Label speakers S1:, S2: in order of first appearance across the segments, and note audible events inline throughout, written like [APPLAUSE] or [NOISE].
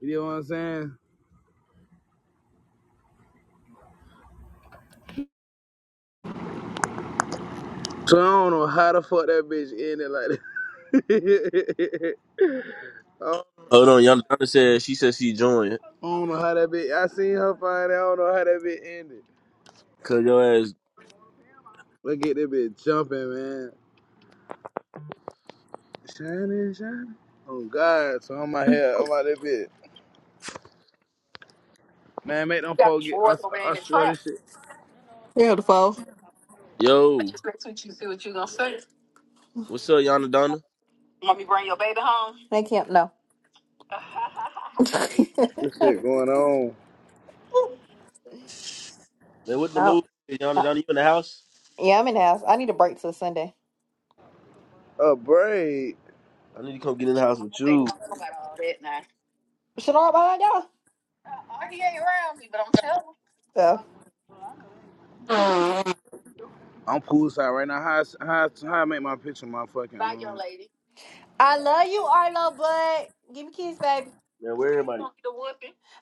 S1: You know what I'm saying? So I don't know how the fuck that bitch ended like that. [LAUGHS] I don't
S2: Hold on, Yana Donna said she said she joined.
S1: I don't know how that bitch. I seen her find it. I don't know how that bitch ended.
S2: Cause yo ass,
S1: Look at that bitch jumping, man. Shining, shining. Oh God! So I'm my head. I'm out that bitch. Man, make them folk get. I, I swear this shit.
S3: Beautiful.
S2: yo, what's up, Yana Donna?
S3: They can't know. [LAUGHS]
S1: This shit going on.
S2: Man, what the
S3: Oh,
S2: move? Hey, Yana
S3: uh,
S2: Donna, you in the house?
S3: yeah, I'm in the house. I need a break till Sunday.
S1: A braid.
S2: I need to come get in the house with you.
S3: Shadar behind y'all. So
S2: Man,
S1: I'm poolside right now. How I s- how I- how I make my picture? My fucking um.
S3: I love you, Arlo, but give me kiss, baby.
S2: where everybody?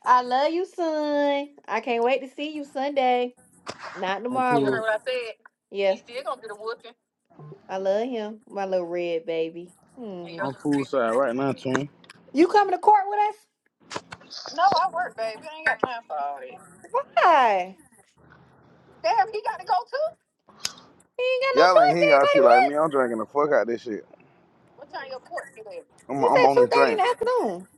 S3: I love you, son. I can't wait to see you Sunday. Not
S1: I'm
S3: tomorrow. You
S1: pool.
S3: heard what I said. Yeah. You still gonna get a whooping. I love him. My little red baby. And your Hmm.
S1: I'm
S3: little red
S1: poolside right now,
S3: baby.
S1: too.
S3: You coming to court with us? Why?
S1: Y'all ain't hear y'all shit like me. I'm drinking the fuck out of this shit. I'm,
S3: It's
S1: I'm
S3: at
S1: on
S3: two
S1: this
S3: thirty in
S1: drink.
S3: the afternoon.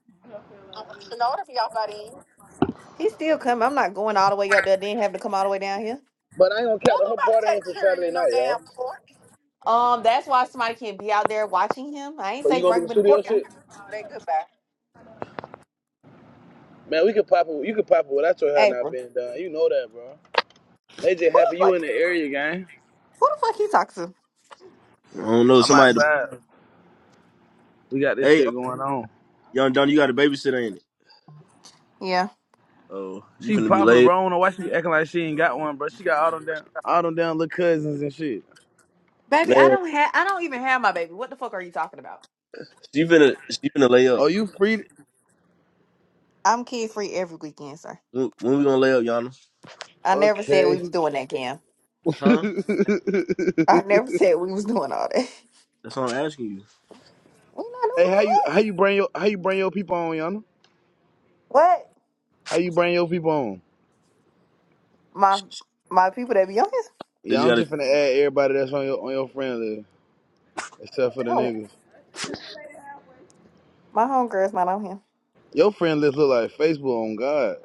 S3: He's still coming. I'm not going all the way up there, then having to come all the way down here.
S1: But I ain't gonna count the whole party until Saturday night, y'all.
S3: Um, that's why somebody can't be out there watching him. I ain't
S1: So you
S3: say
S1: gonna do
S3: bring
S1: the
S3: him in the
S1: studio
S3: courtroom.
S1: shit? Man, we could pop it. You could pop it without your hair not
S3: April.
S1: being done. You know that, bro. They just
S3: Who
S1: happy
S3: the
S1: you in
S3: fuck
S1: the area, gang.
S3: who the fuck he talks to?
S2: I don't know.
S1: I'm
S2: Somebody.
S1: outside. We got this
S2: Hey, um,
S1: shit going on.
S2: Yana Donna, you got a babysitter, ain't it?
S3: Yeah.
S2: Oh, you
S1: She
S2: finna be
S1: popular,
S2: laid. up.
S1: bro. I don't know why she acting like she ain't got one, bro. She got all them down, all them down little cousins and shit.
S3: Baby, I
S2: Man,
S3: don't have I don't even have my baby. What the fuck are you talking about?
S2: she finna she finna lay up.
S1: Oh, you free?
S3: I'm kid free every weekend, sir.
S2: When, when we gonna lay up, Yana?
S3: I never said we
S1: Okay.
S3: was doing that, Cam.
S1: [LAUGHS] hey,
S2: Huh?
S3: I never said we was doing all that. [LAUGHS] we
S2: That's what I'm asking you.
S3: not
S1: how you
S3: doing
S1: how
S3: that.
S1: you bring your how you bring your people on, Yana?
S3: What?
S1: How you bring your people on?
S3: My
S2: She,
S3: my people that be on here?
S2: they just
S1: Yeah, I'm
S2: gotta.
S1: just finna add everybody that's on your on your friend list, except for the
S3: Oh,
S1: niggas.
S3: my homegirl's not on here.
S1: Your friend list look like Facebook on God.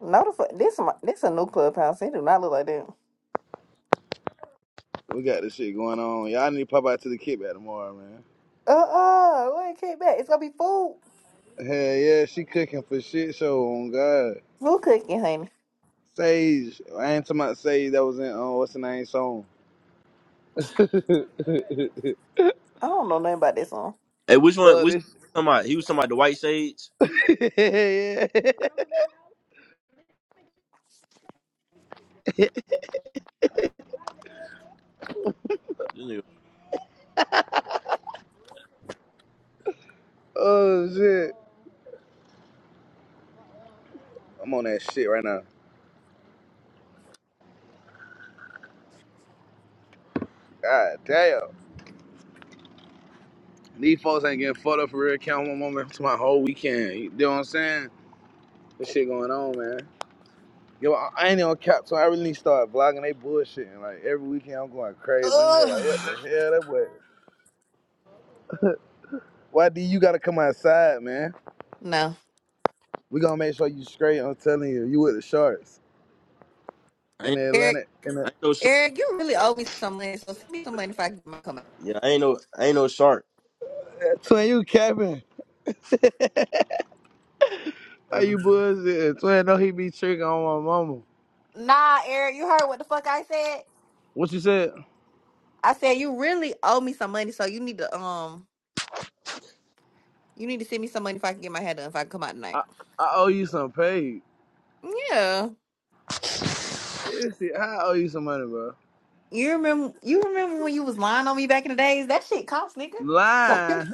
S3: No the fuck this my, this a new clubhouse. It do not look like that.
S1: We got this shit going on. Y'all need to pop out to the kickback tomorrow, man.
S3: Uh uh, what came back. It's gonna be food.
S1: Hell yeah, she cooking for shit show on God.
S3: Food cooking, honey.
S1: Sage, I ain't talking about Sage that was in uh, what's the name song. [LAUGHS] Fuck
S3: I don't know nothing about that song.
S2: Hey, which one? Which
S1: this.
S2: somebody? He was talking about the white sage.
S1: [LAUGHS] yeah.
S2: This nigga,
S1: oh shit. I'm on that shit right now. God damn. These folks ain't getting fucked up for real count one moment to my whole weekend. You know what I'm saying? This shit going on, man. Yo, I I ain't on cap, so I really need to start vlogging. They bullshitting. Like every weekend, I'm going crazy. These like,
S3: Ugh.
S1: what the hell? That boy. Why do you gotta come outside, man?
S3: No.
S1: We gonna make sure you straight. I'm telling you, you with the sharks
S2: I
S1: in
S2: ain't
S1: the
S3: Eric,
S1: Atlantic. In
S2: I
S1: the
S2: ain't no shark.
S3: Eric, you really owe me some money, so send me some money if I get my come out.
S2: Yeah, I ain't no I ain't no shark.
S1: [LAUGHS] twin, you capping? [LAUGHS] Are you bullshitting? Twin, know he be tricking on my mama.
S3: Nah, Eric, you heard what the fuck I said?
S1: What you said?
S3: I said you really owe me some money, so you need to um you need to send me some money if I can get my hair done if I can come out tonight.
S1: I, I owe you some pay.
S3: Yeah.
S1: Seriously, I owe you some money, bro.
S3: You remember you remember when you was lying on me back in the days? That shit cost, nigga. So
S1: Lying.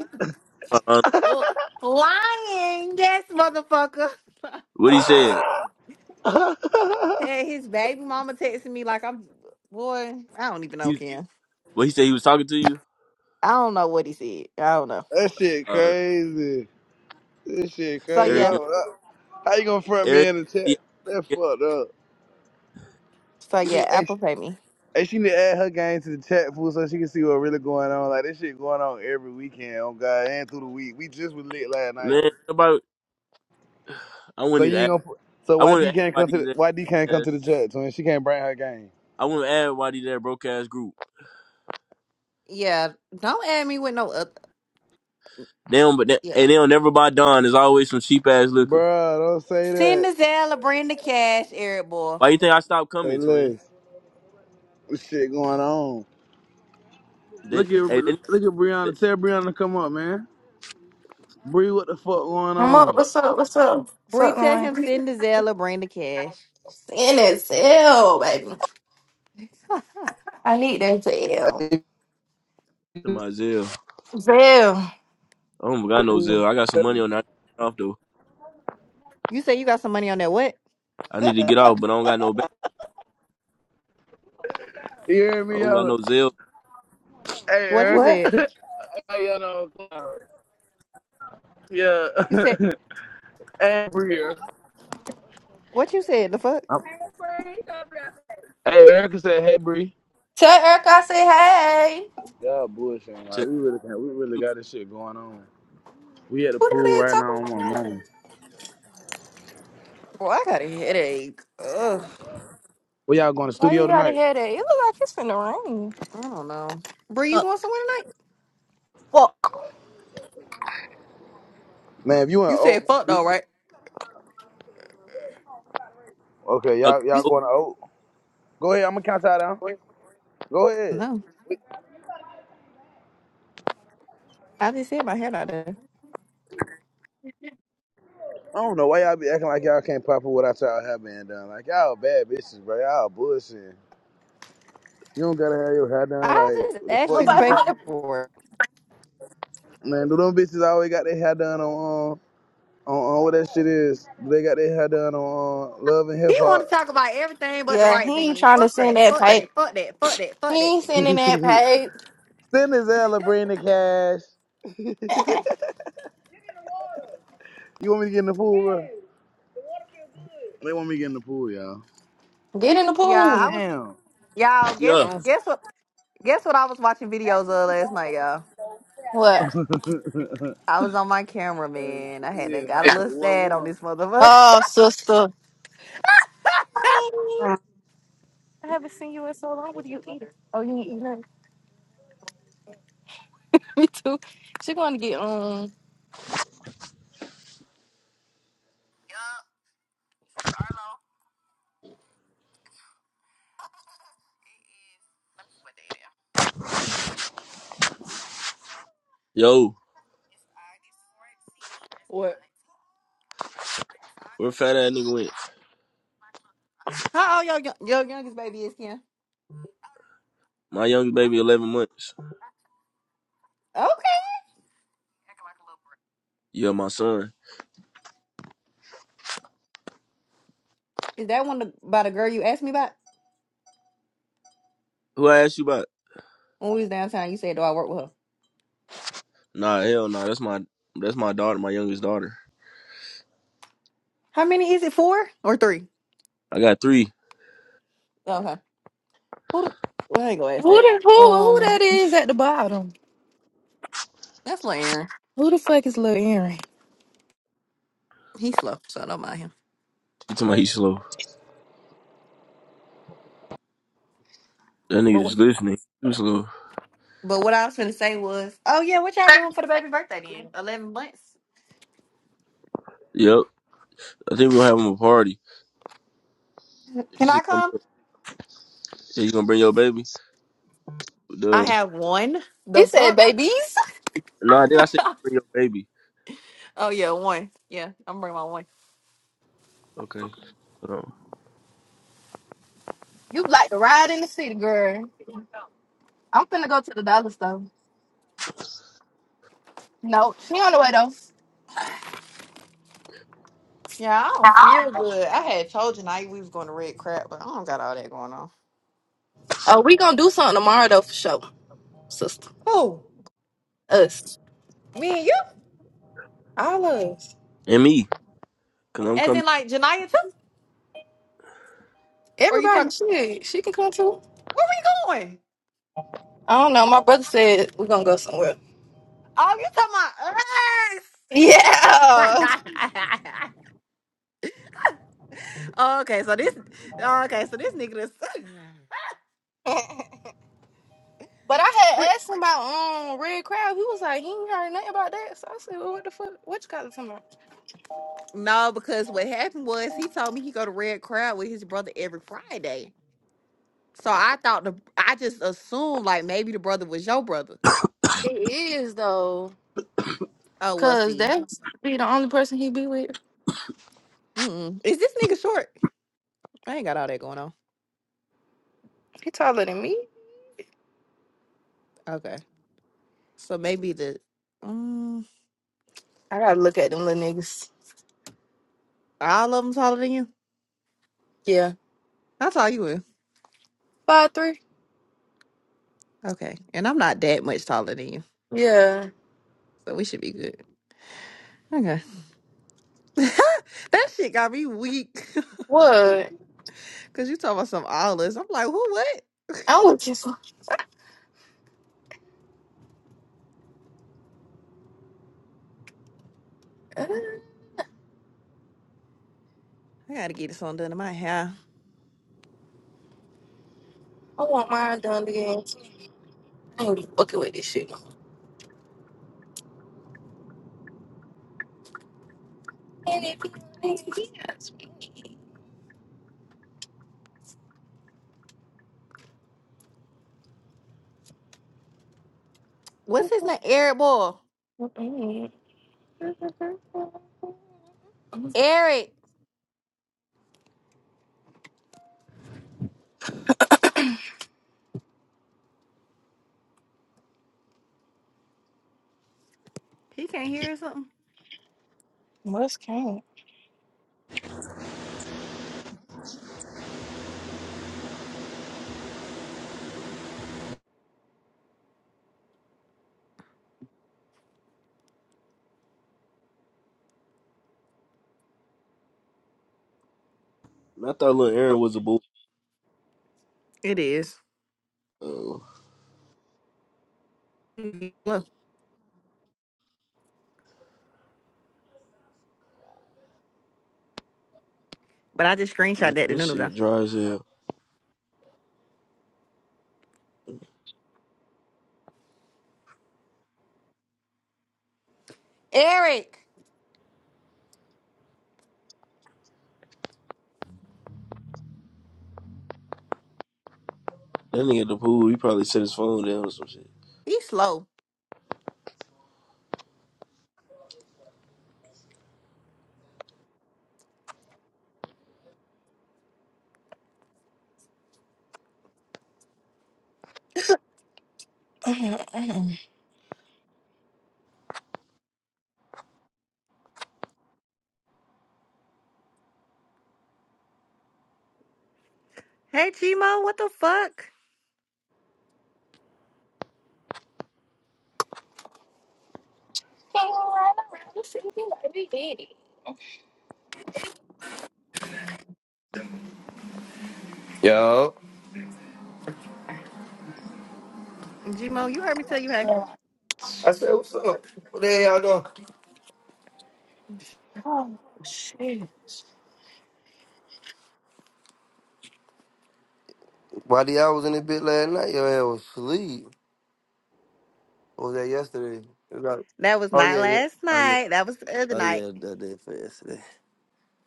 S3: [LAUGHS] lying, yes, motherfucker. [LAUGHS]
S2: What he said?
S3: Hey, his baby mama texting me like I'm boy, I don't even
S2: He
S3: know,
S2: what he said? He was talking to you,
S3: I don't know what he said. I don't know.
S1: That shit
S2: uh,
S1: crazy. This shit
S3: So
S1: crazy.
S2: Eric
S3: yeah.
S2: and
S1: Though. How you gonna front me
S2: Eric.
S1: in the chat?
S2: Yeah,
S1: That
S2: yeah.
S1: fucked up.
S3: So
S1: You
S3: yeah,
S1: need, hey,
S3: Apple
S1: she,
S3: Pay me.
S1: hey, she need to add her game to the chat fool so she can see what really going on. Like this shit going on every weekend on God and through the week. We just was lit last night.
S2: man, about [SIGHS] I
S1: So
S2: wouldn't
S1: you
S2: even.
S1: ain't
S2: Ask,
S1: gonna. put- So
S2: I
S1: why
S2: wouldn't
S1: D
S2: ask
S1: can't
S2: why
S1: come to
S2: these.
S1: the why D can't come
S2: ass-
S1: to the chat? So she can't bring her game.
S2: I wouldn't ask why these that broke ass group.
S3: Yeah, don't add me with no other.
S2: They don't, but they,
S3: Yeah.
S2: and they don't never buy Don. There's always some cheap ass liquor.
S1: Bruh, don't say
S3: Send
S1: that.
S3: the Zella, bring the cash, Eric boy.
S2: Why you think I stopped
S1: Say
S2: coming, twin?
S1: less. This shit going on.
S2: They,
S1: Look at
S2: hey, they,
S1: look at
S2: they,
S1: Brianna. Tell Brianna to come up, man. Bree, what the fuck going
S4: I'm up.
S1: on?
S4: What's up? What's up?
S3: Bree,
S4: Fuck
S3: tell
S4: on.
S3: him
S4: And
S3: send the Zella, bring the cash.
S4: it's L, baby.
S3: [LAUGHS]
S4: I need that Zell.
S1: [LAUGHS]
S2: to
S1: You
S2: my Zell.
S4: Zell.
S2: I don't got no Zell. I got some money on that off though.
S3: you say you got some money on that. What?
S2: I need to get out, but I don't got no bank.
S1: hear
S2: I don't got
S1: me?
S2: no Zell.
S1: Hey,
S3: What you
S1: Eric.
S4: What?
S1: [LAUGHS]
S3: said?
S1: hey, you know, yeah.
S3: You
S1: [LAUGHS]
S3: said
S1: and Bree. here.
S3: what you said? The fuck?
S1: I'm- Hey, Erica said, "Hey, Bree."
S4: Tell Eric I say hey.
S1: Y'all bullshitting. Like
S2: To,
S1: we really, got- we really got this shit going on. We at the
S4: Who the
S1: pool
S4: hell
S1: right now.
S4: talking
S1: on my
S4: about
S1: mama.
S4: that?
S3: Bro, I got a headache. Ugh,
S1: Where y'all going to the
S4: Why you
S1: studio
S4: gotta
S1: tonight?
S4: hear that? It look like it's finna rain.
S3: I don't know. Bree, you
S4: Uh,
S3: going somewhere tonight?
S4: fuck.
S1: Man, if you in
S3: You
S1: Oak,
S3: said
S1: man,
S3: fuck
S1: you,
S3: though,
S1: you-
S3: right?
S1: okay,
S2: I-
S1: y'all y'all
S3: You
S2: oh,
S1: going to Oak? Go ahead. I'm gonna count y'all down. Go ahead.
S3: No, I just said my hair out there.
S1: I don't know why y'all be acting like y'all can't pop up without y'all hair being done. Like y'all bad bitches, bro. Y'all bullshitting. You don't gotta have your hair done.
S3: I
S1: Like
S3: just
S1: what the
S3: asked
S1: fuck
S3: you
S1: you
S3: to
S1: be
S4: Nobody
S3: pay
S1: saying,
S4: wanna-
S3: for it.
S1: Man, do them bitches always got their hair done on? Um, on, on what that shit is. They got their hair done on uh, Love and
S3: He
S1: Hip
S3: want to
S1: Hop.
S3: talk about everything but the
S4: Yeah,
S3: right
S4: he ain't
S3: thing.
S4: trying to
S3: Fuck
S4: send
S3: that.
S4: that
S3: Fuck that.
S4: pipe.
S3: Fuck that. Fuck that.
S4: He
S3: Fuck that.
S4: ain't sending that pipe.
S1: [LAUGHS] Send his Ella bring the cash. You want me to get in the pool, bro? They want me to get in the pool, y'all.
S4: Get in the
S3: Yeah, I
S4: pool.
S3: was.
S1: Damn.
S3: Y'all guess
S2: yeah,
S1: I
S3: guess what? Guess what I was watching videos of last night, y'all.
S1: [LAUGHS]
S4: What?
S3: I was on my camera, man. I had that
S1: is
S3: got a
S1: hot though. The
S3: little
S1: water
S3: sad on
S1: warm.
S3: this motherfucker. [LAUGHS]
S4: Oh, sister. Hi. I haven't seen you in so long. What are you eating? Oh, you ain't eating nothing. [LAUGHS] Me too. She gonna get um.
S2: yo,
S3: What?
S2: where fat ass nigga went?
S3: How old your young- your youngest baby is, Kim?
S2: My young baby, eleven months.
S3: Okay.
S2: Yeah, my son.
S3: Is that one the, by the girl you asked me about
S2: Who I asked you about?
S3: when we was downtown? You said, "Do I work with her?"
S2: Nah, hell nah. That's my that's my daughter, my youngest daughter.
S3: How many is it? Four or three?
S2: I got three.
S3: Okay. Who? The, well, I ain't gonna ask
S4: Who
S3: that.
S4: the, who who
S3: Um.
S4: that is at the bottom?
S3: That's Laren.
S4: Who the fuck is Lil Aaron?
S3: He's slow, so I don't mind him.
S2: You talking about he slow? That nigga
S3: But
S2: just
S3: what,
S2: listening. He slow.
S3: but what I was gonna say was, oh yeah, what y'all doing for the baby birthday then? Eleven months.
S2: Yep. I think we gonna have him a party. He
S3: Can I
S2: should come.
S3: come?
S2: Yeah, you gonna bring your baby?
S3: I
S2: Duh.
S3: have one.
S4: He
S3: The
S4: said,
S3: fuck?
S4: babies,
S2: Nah, then I said bring your baby.
S3: Oh yeah, one. Yeah, I'm bringing my one.
S2: Okay. Hold on.
S4: you like to ride in the city, girl. I'm finna go to the dollar store. No, she on the way
S3: Yeah, I don't
S4: though.
S3: feel good. I had told Janaya we was going to red crap, but I don't got all that going on.
S4: Oh, we gonna do something tomorrow though for sure, sister.
S3: Who?
S4: Us.
S3: Me and you?
S4: All us.
S2: And me, cause I'm
S3: As
S2: coming.
S3: in like Janaya too? Or you
S4: Everybody,
S3: talking?
S4: shit. She can come too.
S3: Where we going?
S4: I don't know. My brother said we gonna go somewhere.
S3: Oh, you
S4: Yeah.
S3: talking about us? [LAUGHS] okay, so this. oh, Okay, so this nigga. This.
S4: [LAUGHS] but I
S3: [LAUGHS]
S4: had asked him about um Red Crowd. He was like, he ain't heard nothing about that. So I said, well, what the fuck? What you got to talking about?
S3: No, because what happened was he told me he go to Red Crowd with his brother every Friday. So I thought the I just assumed like maybe the brother was your brother.
S4: It is though.
S3: Oh well,
S4: Cause
S3: see.
S4: that's be the only person he be with.
S3: Mm-mm. Is this nigga short? I ain't got all that going on.
S4: He taller than me.
S3: Okay, so maybe the um,
S4: I gotta look at them little niggas.
S3: all of them taller than you.
S4: Yeah,
S3: How tall you is?
S4: five three.
S3: Okay, and I'm not that much taller than you,
S4: Yeah.
S3: so we should be good. Okay, [LAUGHS] that shit got me weak. [LAUGHS]
S4: What?
S3: Cause you talking about some all us. I'm like, who? What?
S4: I would just. Uh, I
S3: I gotta get this on done in my hair.
S4: want mine done again. I ain't be fucking with this shit. And if he has me.
S3: What's his name? Eric Boy. Eric, He can't hear or something?
S4: What's can
S2: I thought little Aaron was a boy.
S3: It is.
S2: Oh
S3: Look, But I just
S2: man,
S3: screenshot that to
S2: this
S3: Nunu guy.
S2: shit dry as hell.
S3: Eric,
S2: That nigga at the pool, he probably set his phone down or some shit.
S3: he's slow. Hey Gmo, what the fuck?
S5: Yo.
S3: Gmo, you heard me tell you hey.
S5: I said, what's up? What the hell y'all doing?
S4: Oh shit!
S5: Why the y'all was in the bit last night? Your ass was asleep. Or was that yesterday? You got-
S3: That was
S5: oh,
S3: not
S5: yeah, yeah.
S3: last
S5: Oh, yeah.
S3: night. That was the other
S5: Oh,
S3: night.
S5: yeah, that day for yesterday.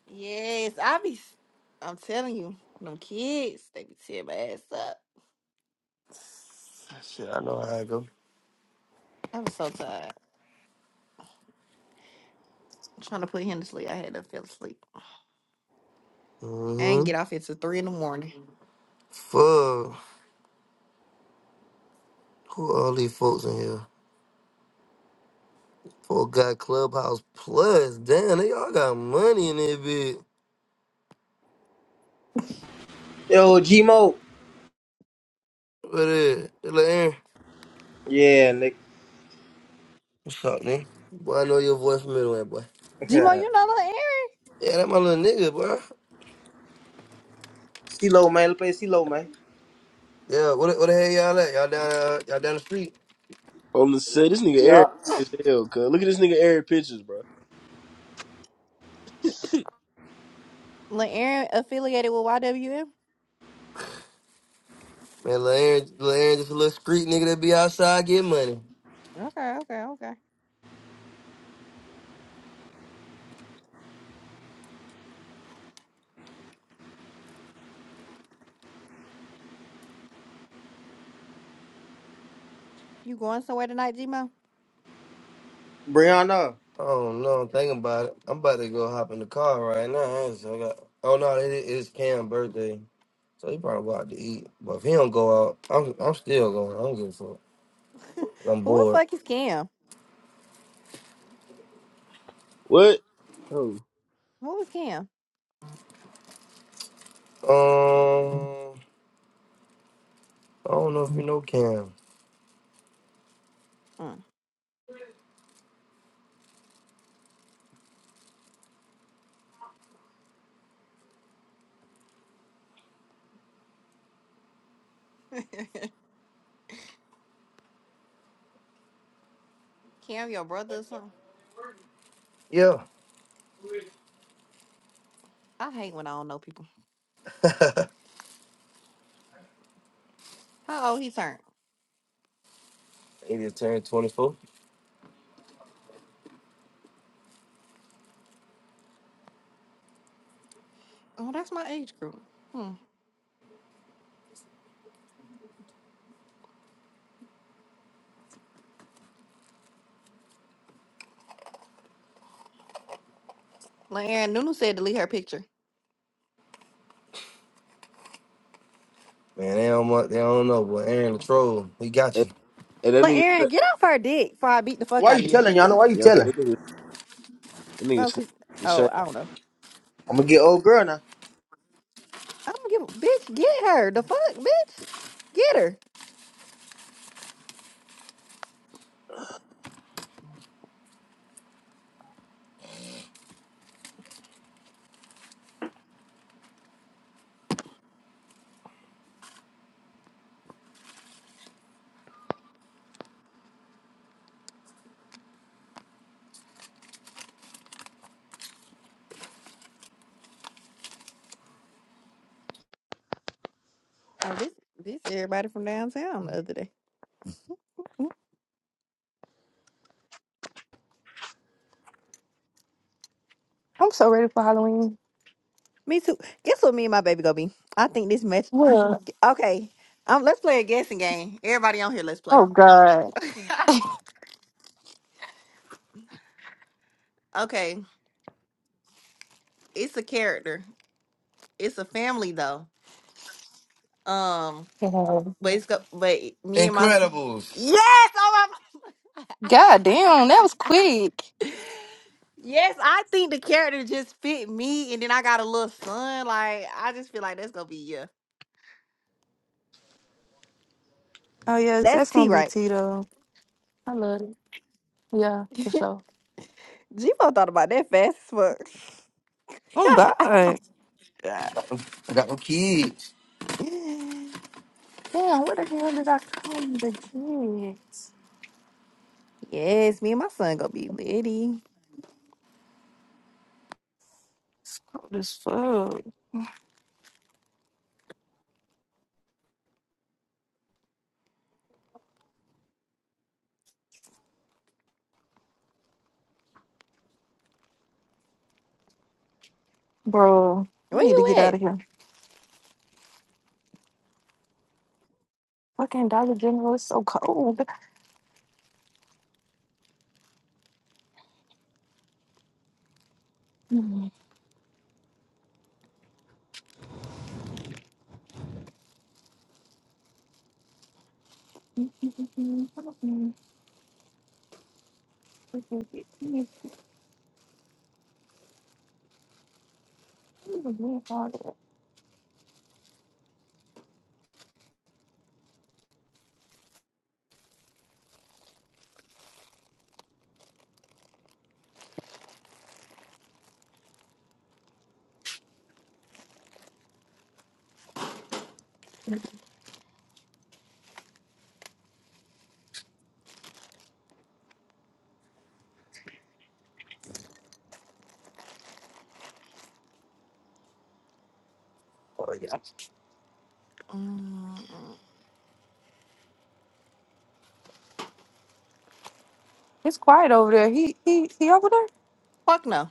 S3: Yes, I be. s- I'm telling you, them kids, they be tearing my ass up.
S5: Shit, I know how I go.
S3: I was so tired. I'm trying to put him to sleep. I had to fell asleep. I didn't
S5: Mm-hmm.
S3: get off until three in the morning.
S5: Fuck. Who are all these folks in here? Four got Clubhouse Plus. Damn, they all got money in there, bit.
S6: Yo, G Gmo.
S5: What is it? Little Aaron.
S6: Yeah, Nick.
S5: What's up, nigga? Boy, I know your voice from Midway, boy.
S3: Gmo, you know Lil Aaron.
S5: Yeah, that my little nigga, boy.
S6: CeeLo, man. Let's play CeeLo, man.
S5: Yeah, what, what the hell y'all at? Y'all down, uh, y'all down the street?
S2: On the set, this nigga Eric
S6: Yeah.
S2: is hell, cuz. Look at this nigga Eric pictures, bro.
S3: Lil Aaron affiliated with YWM.
S5: Man, Larry, Larry, this little street nigga that be outside get money.
S3: Okay, okay, okay. You going somewhere tonight, Gmo?
S6: Brianna.
S5: Oh no, I'm thinking about it. I'm about to go hop in the car right now. I just- I got, oh no, it is Cam's birthday, so he probably go out to eat. But if he don't go out, I'm I'm still going. I don't give a fuck.
S3: [LAUGHS]
S5: I'm
S3: Who the
S5: bored.
S3: fuck is Cam?
S2: What? Oh,
S3: Who is Cam?
S5: Um, I don't know if you know Cam.
S3: Mm. [LAUGHS] Cam, your brother or something?
S5: Yeah,
S3: I hate when I don't know people.
S5: [LAUGHS]
S3: How old he turned?
S5: he just turned 24.
S3: Oh, that's my age group. Hmm. Aaron Nunu said delete her picture.
S5: Man, they don't mu- they don't know, but Aaron the troll, he got
S2: And,
S5: you.
S2: and that nigga,
S3: Aaron, get off her dick before I beat the fuck
S6: Why
S3: out of
S6: you
S3: you.
S6: telling, y'all? Yana? Why you
S2: yeah, I said
S6: telling?
S2: that nigga, that nigga
S3: No,
S2: snapped
S3: cause
S2: the
S3: oh,
S2: shame.
S3: I don't know.
S6: I'm gonna get old girl now.
S3: I don't give a bitch. Get her the fuck, bitch. Get her. Oh, this this everybody from downtown the other day. Mm,
S4: [LAUGHS] I'm so ready for Halloween.
S3: Me too. Guess what? Me and my baby gonna be. I think this match.
S4: What?
S3: Okay. Um, let's play a guessing game. Everybody on here, let's
S4: Oh
S3: play.
S4: god.
S3: [LAUGHS] okay. It's a character. It's a family though. Um, but it's go but me and my
S5: Incredibles.
S3: Yes! Oh my
S4: God damn, that was quick.
S3: [LAUGHS] Yes, I think the character just fit me and then I got a little son. Like I just feel like that's gonna be yeah.
S4: Oh yes, that's
S3: That's T
S4: gonna be
S3: right.
S4: Tito. I love it. Yeah,
S3: [LAUGHS]
S4: for sure.
S3: G-Bo thought about that fast as fuck.
S4: Oh God.
S5: I got my kids.
S3: [LAUGHS]
S4: Damn, where the hell did I come to get?
S3: yes, me and my son gonna be litty.
S4: Cold as fuck. Bro, I
S3: Where
S4: need to
S3: you
S4: get out
S3: at?
S4: of here. Fucking Dollar General is so cold. [LAUGHS]
S3: Mm-mm.
S4: It's quiet over there. He he he over there?
S3: Fuck no.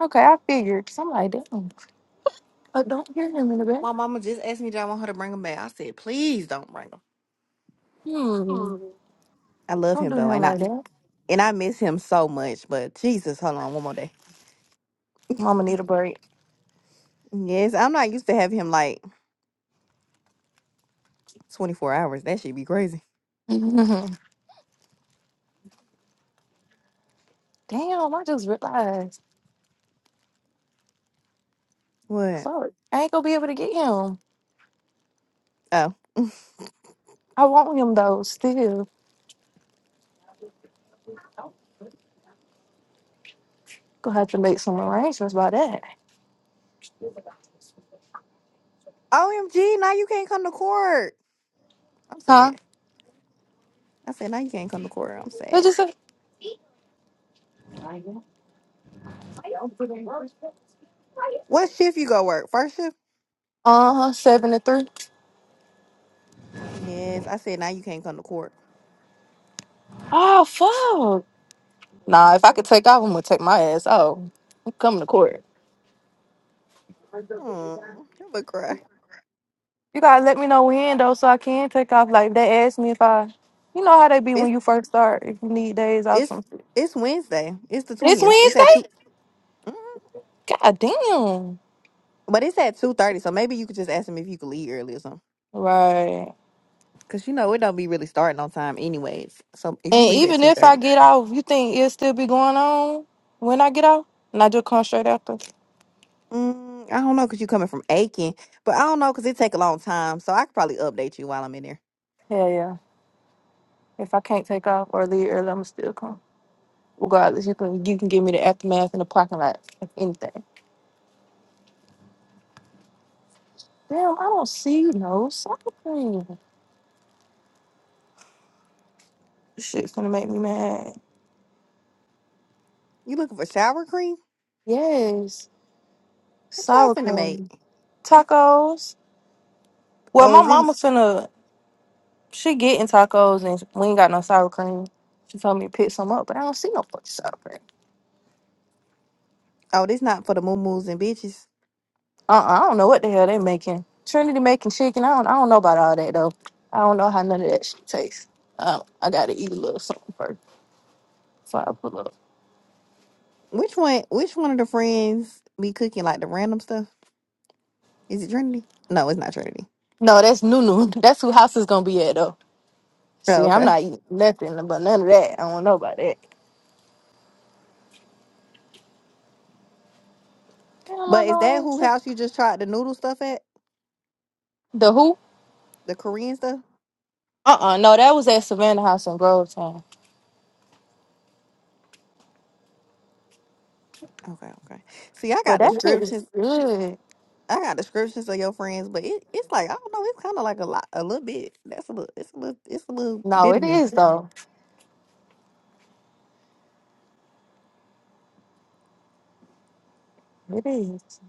S4: Okay, I figured. Cause I'm like, damn. I don't hear him in the back.
S3: My mama just asked me, "Do I want her to bring him back?" I said, "Please don't bring him."
S4: Hmm.
S3: I love
S4: Don't
S3: him
S4: do
S3: though,
S4: him
S3: and I
S4: like that.
S3: and I miss him so much. But Jesus, hold on, one more day.
S4: Mama need a break.
S3: Yes, I'm not used to having him like 24 hours. That should be crazy.
S4: Mhm. Damn, I just realized.
S3: What?
S4: Fuck, I ain't gonna be able to get him.
S3: Oh,
S4: I want him though. Still, gonna have to make some arrangements by that.
S3: OMG! Now you can't come to court. I'm
S4: Huh?
S3: sad. I said, now you can't come to court. I'm
S4: What
S3: sad.
S4: you say?
S3: What shift you go work? First shift?
S4: Uh huh. Seven to three.
S3: Yes. I said, now you can't come to court.
S4: Oh fuck. Nah, if I could take off, I'm gonna take my ass off. I'm coming to court.
S3: Hmm. I'm gonna cry.
S4: You gotta let me know when though, so I can take off. Like they asked me if I, you know how they be when
S3: It's
S4: you first start. If you need days off,
S3: it's
S4: some.
S3: it's Wednesday. It's the
S4: This
S3: 20th. It's at two.
S4: Wednesday.
S3: mm.
S4: God damn.
S3: But it's at two thirty, so maybe you could just ask him if you could leave early or something.
S4: Right.
S3: Cause you know it don't be really starting on time, anyways. So if you
S4: And
S3: leave at
S4: even
S3: two
S4: if I
S3: thirty,
S4: get off, you think it'll still be going on when I get off? And I just come straight after?
S3: mm, I don't know, cause you coming from Aiken, but I don't know, cause it take a long time. So I could probably update you while I'm in there.
S4: Hell yeah. If I can't take off or leave early, I'ma still come. Regardless, you can you can give me the aftermath in the parking lot, if anything. Damn, I don't see no sour cream. This Shit's gonna make me mad.
S3: You looking for shower cream?
S4: Yes.
S3: What y'all
S4: Sour
S3: finna make?
S4: cream. Tacos. Well
S3: Oh,
S4: my
S3: is it?
S4: mama finna she getting tacos and we ain't got no sour cream. She told me to pick some up, but I don't see no fucking sour cream.
S3: Oh, this not for the moo and bitches.
S4: Uh, I don't know what the hell they making. Trinity making chicken. I don't. I don't know about all that though. I don't know how none of that shit tastes. Um, I gotta eat a little something first before I pull up.
S3: Which one? Which one of the friends be cooking like the random stuff? Is it Trinity? No, it's not Trinity.
S4: No, that's Nunu. [LAUGHS] That's who house is gonna be at though.
S3: Oh,
S4: See, I'm
S3: okay.
S4: not eating nothing but none of that. I don't know about that. Hell, I
S3: But is that
S4: know
S3: who
S4: answer.
S3: house you just tried the noodle stuff at?
S4: The who?
S3: The Korean stuff?
S4: Uh uh No, that was at Savannah House in Grovetown.
S3: Okay, okay. See, I
S4: But
S3: got
S4: that shit was
S3: descriptions.
S4: good.
S3: I got descriptions of your friends, but it, it's like I don't know. It's kind of like a lot, a little bit. That's a little. It's a little. It's a little
S4: No,
S3: bit
S4: it
S3: in there.
S4: is though. It is.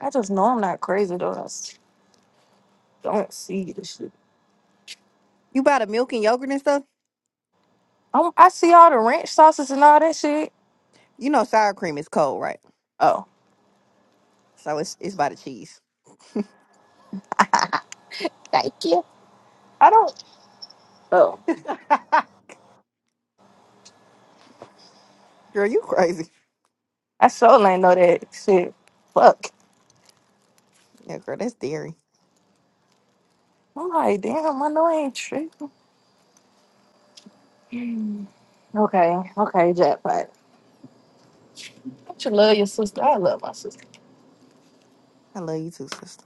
S4: I just know I'm not crazy though. I s- don't see the shit.
S3: You buy the milk and yogurt and stuff.
S4: i I see all the ranch sauces and all that shit.
S3: You know, sour cream is cold, right?
S4: Oh,
S3: So it's it's by the cheese.
S4: thank you. I don't. Oh,
S3: [LAUGHS] Girl, you crazy.
S4: I so ain't know that shit. Fuck.
S3: Yeah, girl, that's dairy.
S4: I'm like, damn. I know I ain't tripping. Mm. Okay, okay, jackpot. Don't you love your sister? I love my sister.
S3: I love you too, sister.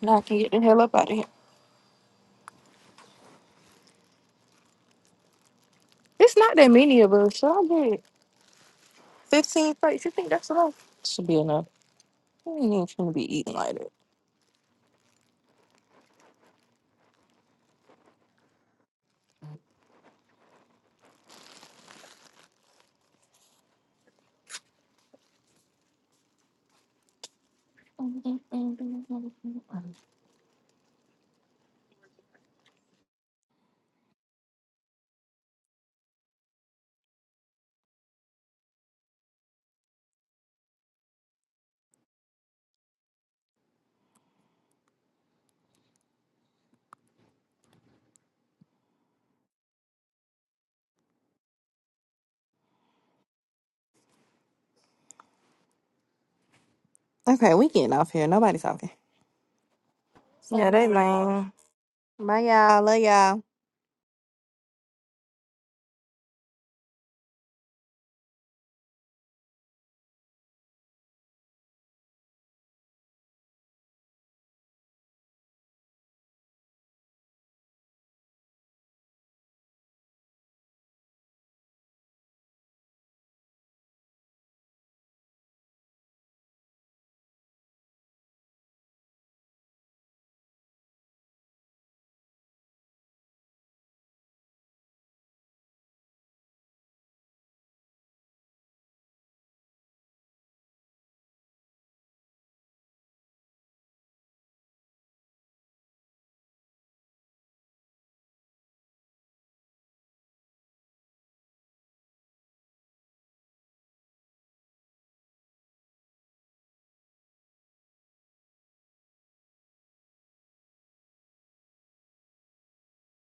S4: Now I can get the hell up out of here. It's not that many of us, so I'll get 15 plates. You think that's enough? Should be enough. We ain't even gonna be eating like that.
S3: Okay, we getting off here. Nobody's talking.
S4: Yeah, they lame.
S3: Bye, y'all. Love y'all.